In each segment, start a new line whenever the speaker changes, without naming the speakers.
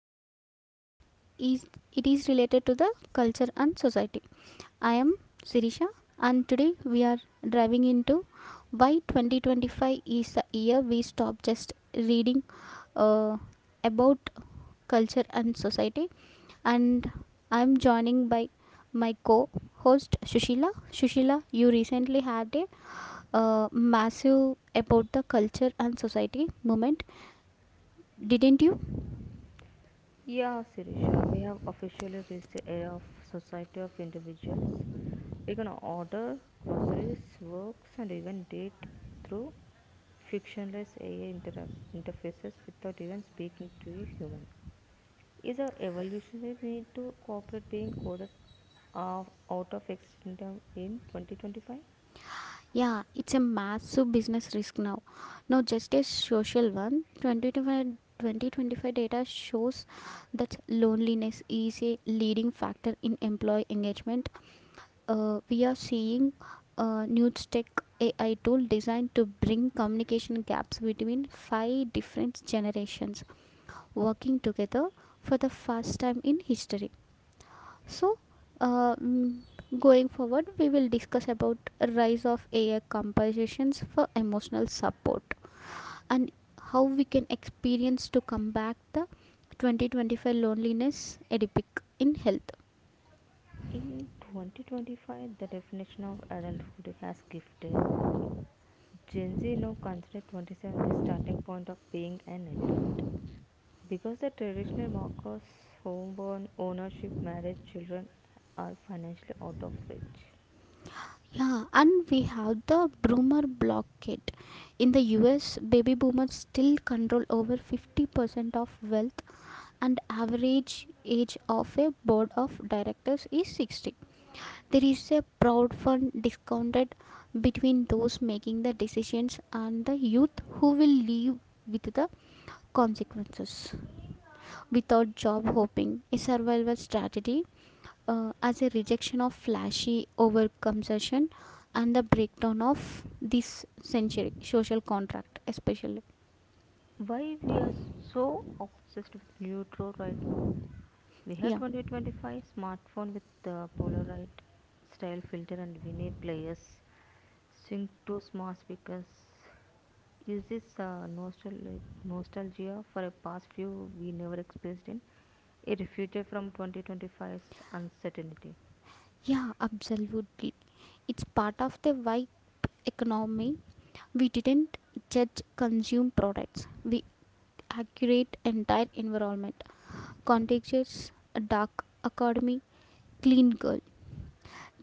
podcast, everyone. Is- It is related to the culture and society. I am Sirisha, and today we are driving into why 2025 is the year we stop just reading uh, about culture and society. And I am joining by my co-host Shushila. Shushila, you recently had a massive about the culture and society moment, didn't you?
Yeah, Sirisha, we have officially reached the era of society of individuals. We can order groceries, works, and even date through frictionless interfaces without even speaking to a human. Is our evolutionary need to cooperate being coded of- out of extinction in 2025?
Yeah, it's a massive business risk now. Not just a social one. 2025 data shows that loneliness is a leading factor in employee engagement. We are seeing a new tech AI tool designed to bring communication gaps between five different generations working together for the first time in history. So, uh, mm, going forward, we will discuss about rise of AI compositions for emotional support and how we can experience to combat the 2025 loneliness epidemic in health.
In 2025, the definition of adulthood has shifted. Gen Z now consider 27 the starting point of being an adult because the traditional markers, homeborn, ownership, marriage, children are financially out of reach.
Yeah, and we have the boomer blockade. In the US, baby boomers still control over 50% of wealth and average age of a board of directors is 60. There is a proud fun discounted between those making the decisions and the youth who will live with the consequences. Without job hopping, a survival strategy as a rejection of flashy overconsumption and the breakdown of this century social contract, especially.
Why we are so obsessed with neutral right now? We had
Yeah,
2025 smartphone with the Polaroid style filter and vinyl players, sync to smart speakers. Is this a nostalgia for a past few we never experienced? In? A refuter from 2025's uncertainty.
yeah, absolutely. It's part of the why economy we didn't judge consume products we accurate entire environment. Contexts, dark academy, clean girl.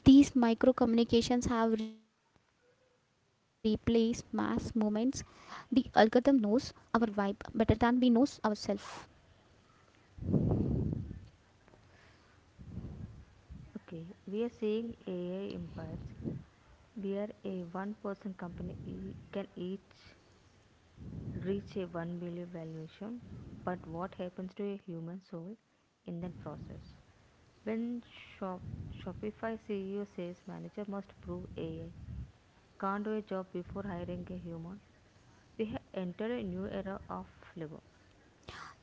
These micro communications have replaced mass movements. The algorithm knows our vibe better than we knows ourselves.
Okay, we are seeing AI impacts where a one person company can each reach a 1 billion valuation, but what happens to a human soul in that process? When Shop- Shopify CEO says manager must prove AI can't do a job before hiring a human, we have entered a new era of labor.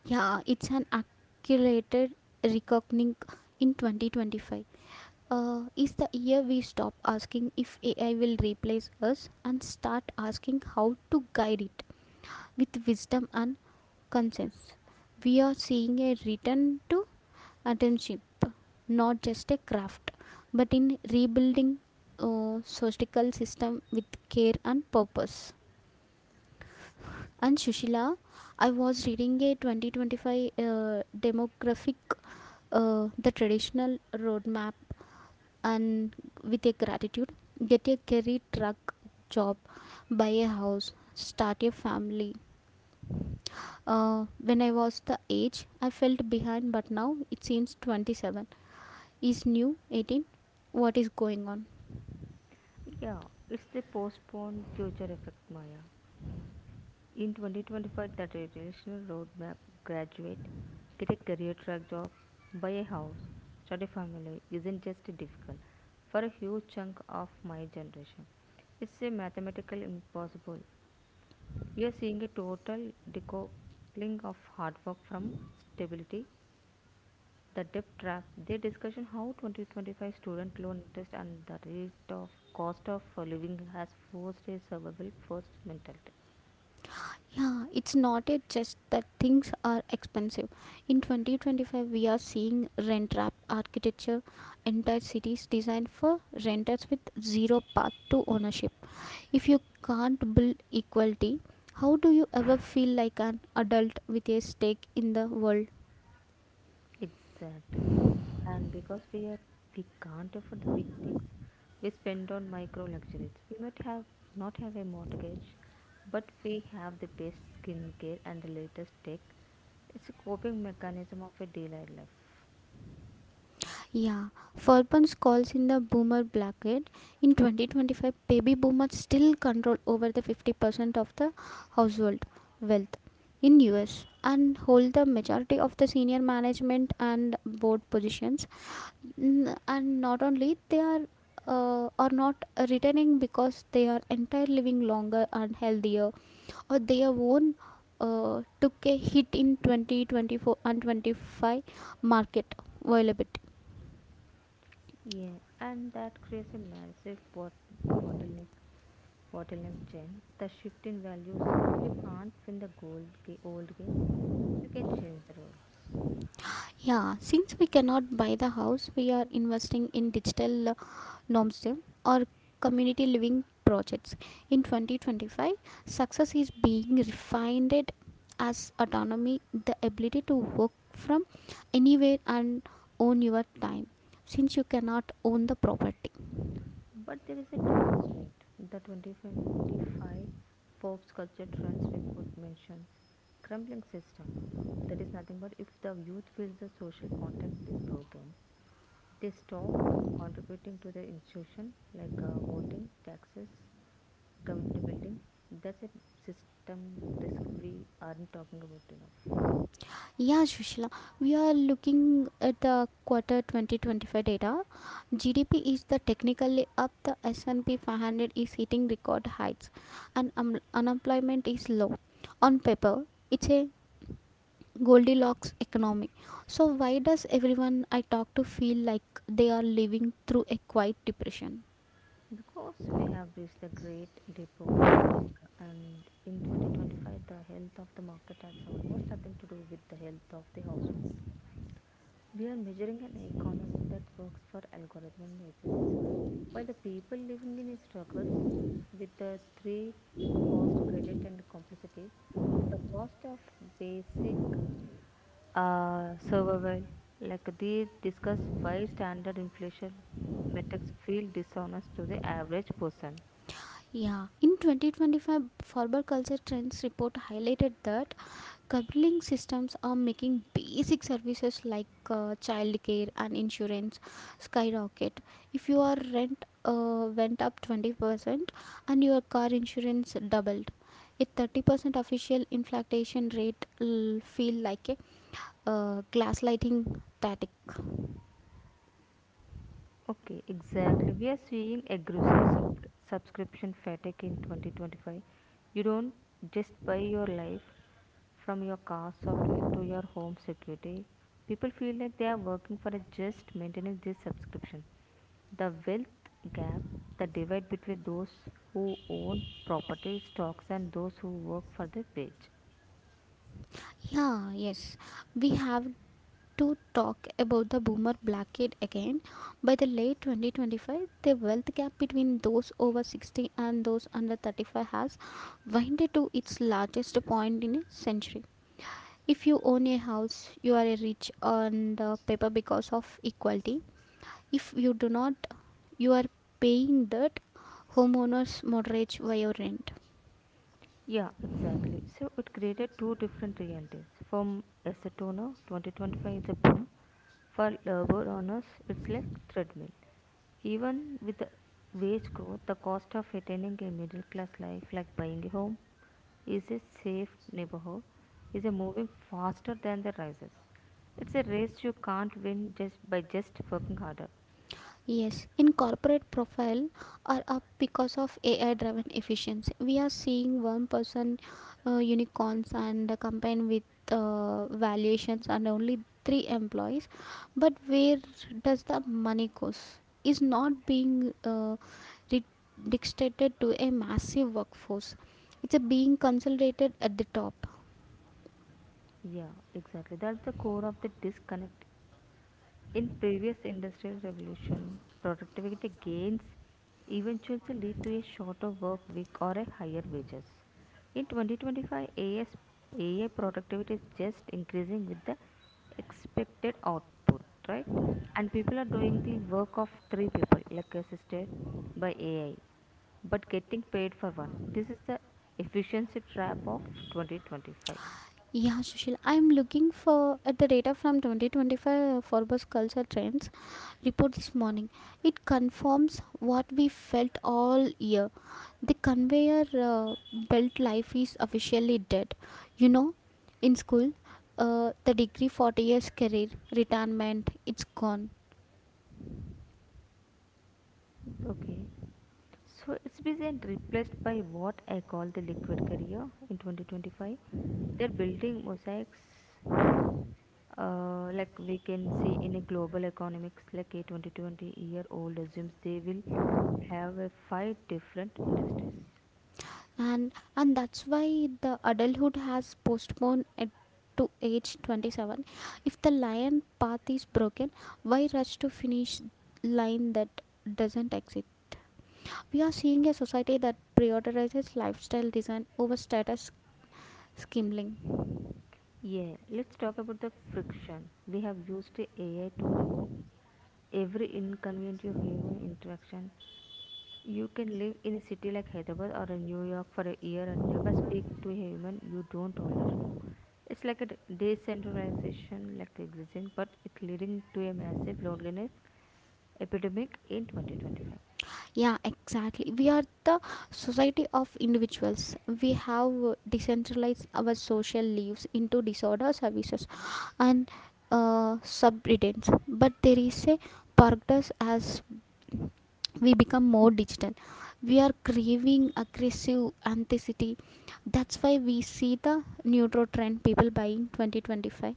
Yeah, it's an accurate reckoning in 2025. Is the year we stop asking if AI will replace us and start asking how to guide it with wisdom and conscience. We are seeing a return to attention, not just a craft, but in rebuilding societal system with care and purpose. And Shushila, I was reading a 2025 demographic, the traditional roadmap, and with a gratitude, get a career truck job, buy a house, start a family. When I was the age, I felt behind, but now it seems 27 is new 18. What is going on?
Yeah, it's the postponed future effect, Maya. In 2025, the traditional roadmap, graduate, get a career track job, buy a house, start a family isn't just difficult for a huge chunk of my generation. It's a mathematical impossible. We are seeing a total decoupling of hard work from stability. The debt trap, they discussion how 2025 student loan interest and the rate of cost of living has forced a survival first mentality.
Yeah, it's not a just that things are expensive. In 2025, we are seeing rent trap architecture, entire cities designed for renters with zero path to ownership. If you can't build equality, how do you ever feel like an adult with a stake in the world?
Exactly. And because we can't afford the big things, we spend on micro luxuries. We might have not have a mortgage, but we have the best skincare and the latest tech. It's a coping mechanism of a daylight life.
Yeah, Furban's calls in the boomer bracket. In 2025, baby boomers still control over the 50% of the household wealth in US and hold the majority of the senior management and board positions. And not only they are not returning because they are entire living longer and healthier, or they are own took a hit in 2024 and 25 market volatility.
Yeah, and that creates a massive bottleneck bottleneck gen. The shift in values. If you can't win the old game, you can change the rules.
Yeah, since we cannot buy the house, we are investing in digital nomstem or community living projects. In 2025, success is being refined as autonomy, the ability to work from anywhere and own your time, since you cannot own the property.
But there is a dark side. The 2025 Forbes Culture Trends report mentions crumbling system. That is nothing but if the youth feels the social contact is broken, they stop contributing to the institution like voting, taxes, community building. That's a system risk we aren't talking about enough.
Yeah, Shushila, we are looking at the quarter 2025 data. GDP is the technically up. The S&P 500 is hitting record heights, and unemployment is low. On paper, it's a Goldilocks economy. So why does everyone I talk to feel like they are living through a quiet depression?
Because we have reached the great dip of clipping, and in 2025, the health of the market has almost nothing to do with the health of the household. We are measuring an economy that works for algorithm analysis, while the people living in struggles with the three cost, credit, and complexity. The cost of basic survival, like they discuss why standard inflation metrics feel dishonest to the average person.
Yeah, in 2025, Forbes Culture Trends report highlighted that Coupling systems are making basic services like childcare and insurance skyrocket. If your rent went up 20% and your car insurance doubled, a 30% official inflation rate will feel like a glass lighting tactic.
Okay, exactly. We are seeing aggressive subscription fatigue in 2025. You don't just buy your life from your car software to your home security. People feel like they are working for a just maintaining this subscription. The wealth gap, the divide between those who own property, stocks, and those who work for their wage.
Yeah, yes, we have to talk about the boomer bracket again. By the late 2025, the wealth gap between those over 60 and those under 35 has widened to its largest point in a century. If you own a house, you are a rich on the paper because of equality. If you do not, you are paying that homeowner's mortgage via rent.
Yeah, exactly. So it created two different realities. From asset owner, 2025 is a boom. For labor owners, it's like treadmill. Even with the wage growth, the cost of attaining a middle class life, like buying a home, is a safe neighborhood, is a moving faster than the rises. It's a race you can't win just by just working harder.
Yes, in corporate profile are up because of AI driven efficiency. We are seeing one person unicorns and a campaign with valuations and only three employees. But where does the money goes? Is not being re- dictated to a massive workforce. It's a being consolidated at the top.
Yeah, exactly. That's the core of the disconnect. In previous industrial revolution, productivity gains eventually lead to a shorter work week or a higher wages. In 2025, AI productivity is just increasing with the expected output, right? And people are doing the work of three people, like assisted by AI, but getting paid for one. This is the efficiency trap of 2025.
Yeah, Sushil, I'm looking for at the data from 2025 Forbes Culture Trends report this morning. It confirms what we felt all year. The conveyor belt life is officially dead. You know, in school, the degree 40 years career, retirement, it's gone.
Okay. So it's been replaced by what I call the liquid career in 2025. They're building mosaics like we can see in a global economics like a 2020 year old assumes they will have a five different industries.
And that's why the adulthood has postponed it to age 27. If the lion path is broken, why rush to finish line that doesn't exist? We are seeing a society that prioritizes lifestyle design over status skimming.
Yeah, let's talk about the friction. We have used AI to remove every inconvenient of human interaction. You can live in a city like Hyderabad or in New York for a year and never speak to a human you don't already know. It's like a decentralization like existing, but it leading to a massive loneliness epidemic in 2025.
Yeah, exactly. We are the society of individuals. We have decentralized our social lives into disorder services and subreddits. But there is a paradox as we become more digital. We are craving aggressive authenticity. That's why we see the neutro trend people buying 2025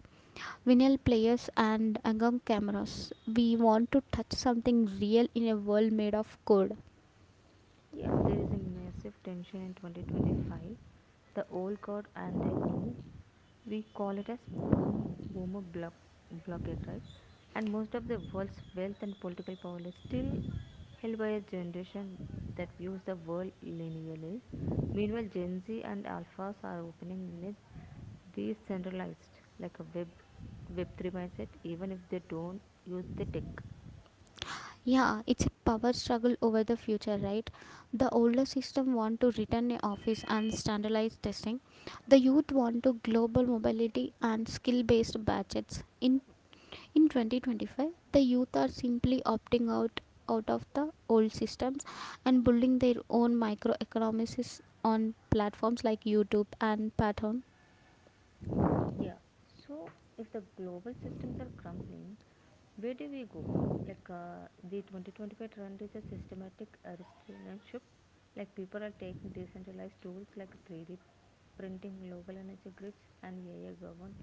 vinyl players and analog cameras. We want to touch something real in a world made of code.
Yeah, there is a massive tension in 2025. The old guard and the new, we call it as boomer blockade, right? And most of the world's wealth and political power is still held by a generation that views the world linearly. Meanwhile, Gen Z and alphas are opening in a decentralized, like a Web3 mindset, even if they don't use the tech.
Yeah, it's a power struggle over the future, right? The older system want to return a office and standardized testing. The youth want to global mobility and skill-based budgets. In 2025, the youth are simply opting out of the old systems and building their own microeconomies on platforms like YouTube and Patreon.
Yeah. So if the global systems are crumbling, where do we go? Like the 2025 trend is a systematic restrictionship. Like people are taking decentralized tools like 3D printing, local energy grids, and AI govern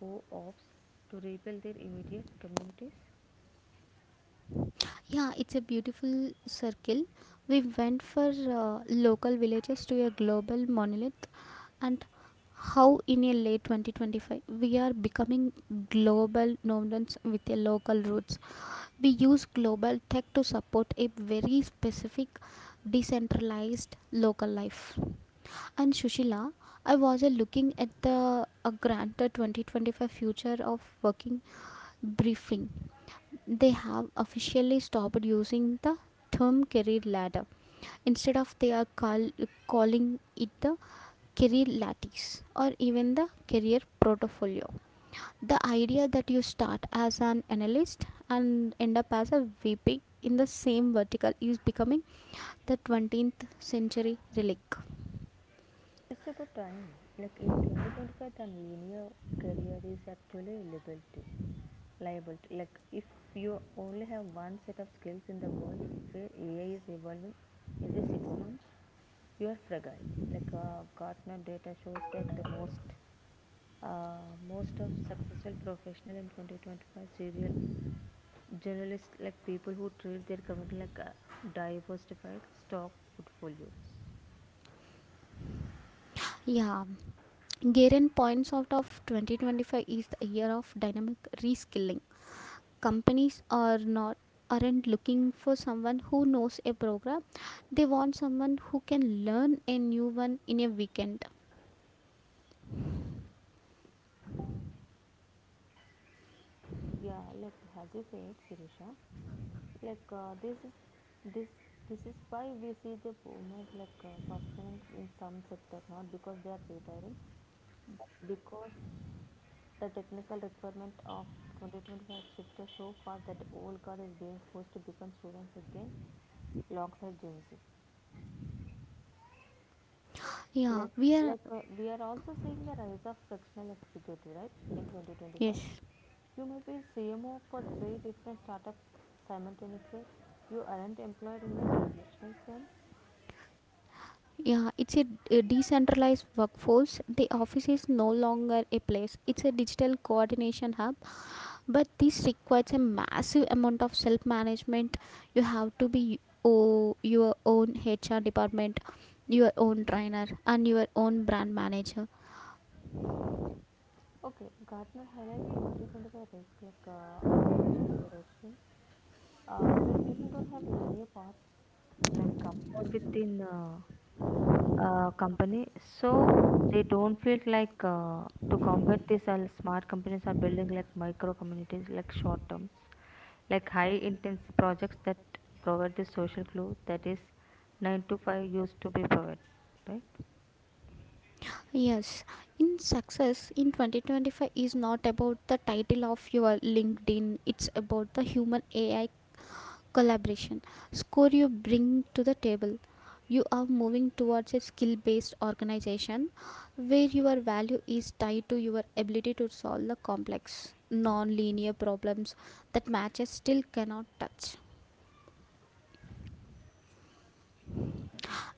co-ops to rebuild their immediate communities.
Yeah, it's a beautiful circle. We went for local villages to a global monolith, and how in a late 2025 we are becoming global dominance with a local roots. We use global tech to support a very specific decentralized local life. And Shushila, I was looking at the granted 2025 future of working briefing. They have officially stopped using the term career ladder. Instead of they are calling it the career lattice or even the career portfolio. The idea that you start as an analyst and end up as a VP in the same vertical is becoming the 20th century relic.
It's about time. Like in 2025, the linear career is actually liberty. Liable to like if you only have one set of skills in the world where AI is evolving every 6 months, you are fragile. Like Gartner data shows that the most most of successful professional in 2025 serial journalists like people who treat their community like a diversified stock portfolios.
Yeah, Garen points out of 2025 is the year of dynamic reskilling. Companies aren't looking for someone who knows a program. They want someone who can learn a new one in a weekend.
Yeah, like as you said, Sirisha, like this this is why we see the boomer like softening in some sector not because they are retiring but because the technical requirement of 2025 shifted so fast that old guard is being forced to become students again alongside Gen Z.
Yeah,
Like
we are.
we are also seeing the rise of fractional executive right in
Yes.
2025. You may be CMO for three different startups simultaneously. You aren't employed in the traditional sense.
Yeah, it's a decentralized workforce. The office is no longer a place, it's a digital coordination hub. But this requires a massive amount of self management. You have to be your own HR department, your own trainer, and your own brand manager.
Okay, Gartner highlights 2025 risk like organizational erosion, when people don't have a linear path like upward within a company, so they don't feel like to combat this. Smart companies are building like micro communities, like short terms, like high intensity projects that provide the social glue that is nine to five used to be provided, right?
Yes, in success in 2025 is not about the title of your LinkedIn, it's about the human AI collaboration score you bring to the table. You are moving towards a skill based organization where your value is tied to your ability to solve the complex non linear problems that matches still cannot touch.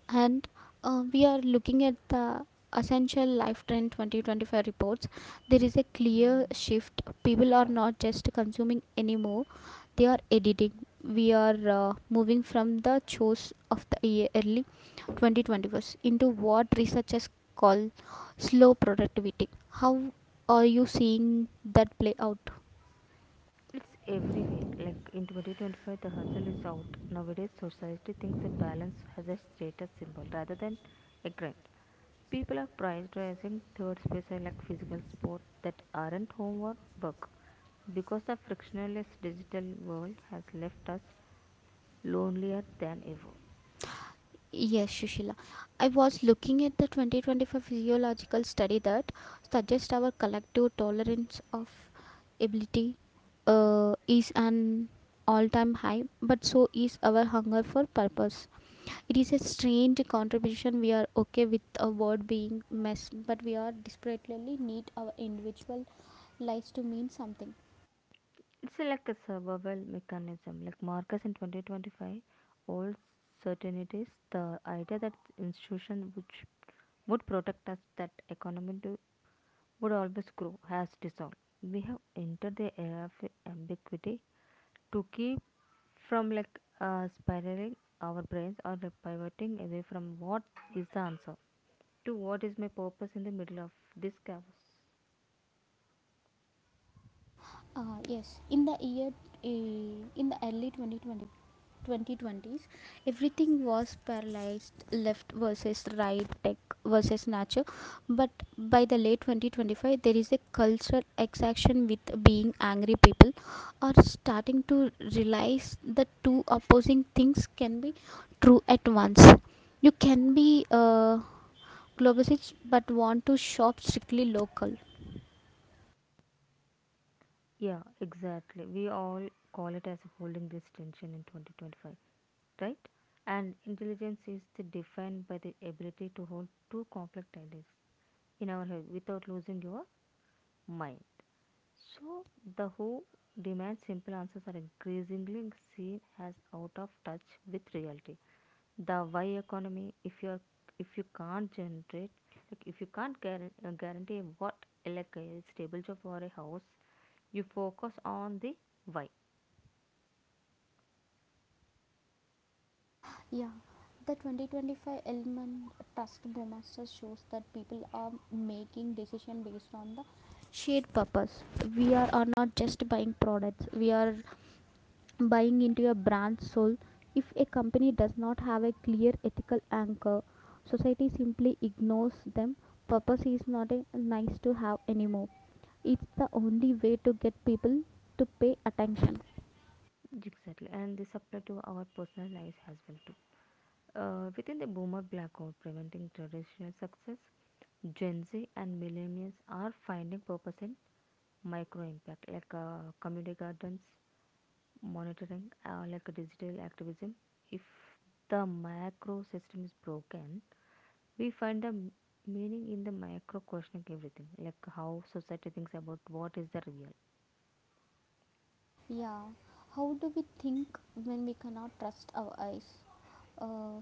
And we are looking at the essential life trend 2025 reports. There is a clear shift. People are not just consuming anymore, they are editing. We are moving from the chores of the year early 2021st into what researchers call slow productivity. How are you seeing that play out?
It's everywhere. Like in 2025, the hustle is out. Nowadays, society thinks a balance has a status symbol rather than a grind. People are prioritizing third spaces like physical sport that aren't home or work because the frictionless digital world has left us lonelier than ever.
Yes, Shushila. I was looking at the 2025 physiological study that suggests our collective tolerance of ability is an all time high, but so is our hunger for purpose. It is a strange contribution. We are okay with a word being mess, but we are desperately need our individual lives to mean something.
It's like a survival mechanism. Like Marcus in 2025, old certainties, the idea that institution which would protect us that economy do would always grow, has dissolved. We have entered the era of ambiguity to keep from like spiraling our brains or like pivoting away from what is the answer to what is my purpose in the middle of this chaos.
Yes, in the year uh, in the early twenty twenty twenties, everything was paralyzed left versus right, tech versus nature. But by the late 2025, there is a cultural exhaustion with being angry. People are starting to realize that two opposing things can be true at once. You can be globalist but want to shop strictly local.
Yeah, exactly. We all call it as holding this tension in 2025, right? And intelligence is the defined by the ability to hold two conflict ideas in our head without losing your mind. So, the who demand simple answers are increasingly seen as out of touch with reality. The why economy, if you are if you can't generate, like if you can't guarantee what like a stable job or a house, you focus on the why.
Yeah, the 2025 Elman Trust Brewmaster shows that people are making decision based on the shared purpose. We are not just buying products, we are buying into a brand's soul. If a company does not have a clear ethical anchor, society simply ignores them. Purpose is not a nice to have anymore. It's the only way to get people to pay attention.
Exactly, and this applies to our personal lives as well too. Within the boomer black hole preventing traditional success, Gen Z and millennials are finding purpose in micro impact like community gardens monitoring like digital activism. If the macro system is broken, we find the meaning in the micro, questioning everything like how society thinks about what is the real.
Yeah, how do we think when we cannot trust our eyes? Uh,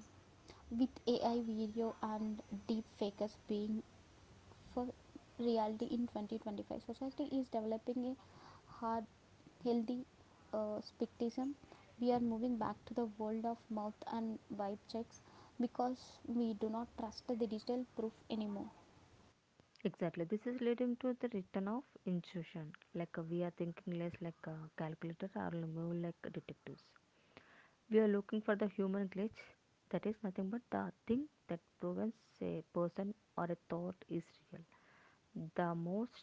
with AI video and deep fakers being for reality in 2025, society is developing a hard, healthy skepticism. We are moving back to the world of mouth and vibe checks because we do not trust the digital proof anymore.
Exactly, this is leading to the return of intuition. Like we are thinking less like a calculator or more like detectives. We are looking for the human glitch, that is nothing but the thing that proves a person or a thought is real. The most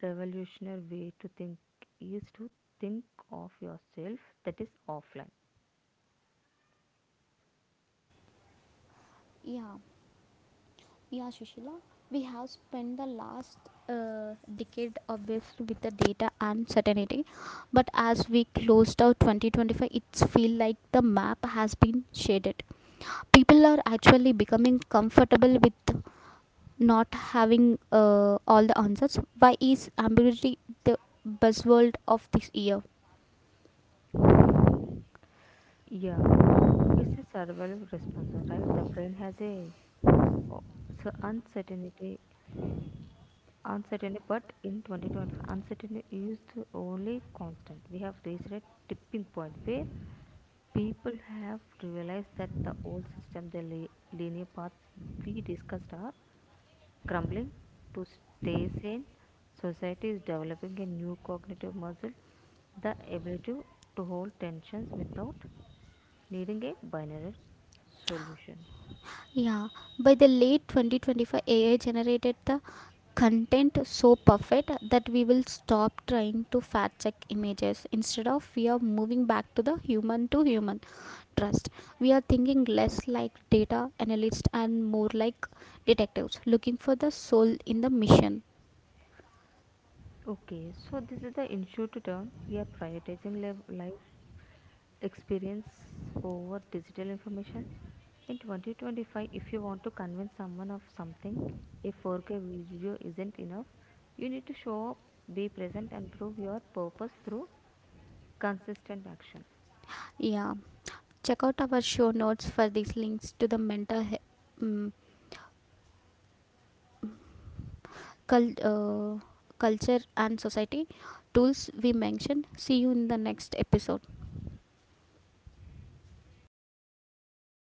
revolutionary way to think is to think of yourself that is offline.
Yeah, yeah, Shushila. We have spent the last decade obviously with the data and certainty, but as we closed out 2025, it's feel like the map has been shaded. People are actually becoming comfortable with not having all the answers. Why is ambiguity the buzzword of this year?
Yeah, it's a survival response, right? The brain has a oh, so uncertainty, but in 2025, uncertainty is the only constant. We have reached a tipping point where people have realized that the old system, the linear paths we discussed, are crumbling. To stay sane, society is developing a new cognitive muscle, the ability to hold tensions without needing a binary solutions.
Yeah, by the late 2025 AI generated the content so perfect that we will stop trying to fact check images instead of we are moving back to the human to human trust. We are thinking less like data analysts and more like detectives looking for the soul in the mission.
Okay, so this is the issue to turn. We are prioritizing live experience over digital information. In 2025, if you want to convince someone of something, a 4K video isn't enough. You need to show up, be present, and prove your purpose through consistent action.
Yeah. Check out our show notes for these links to the mental mm, cul- uh, culture and society tools we mentioned. See you in the next episode.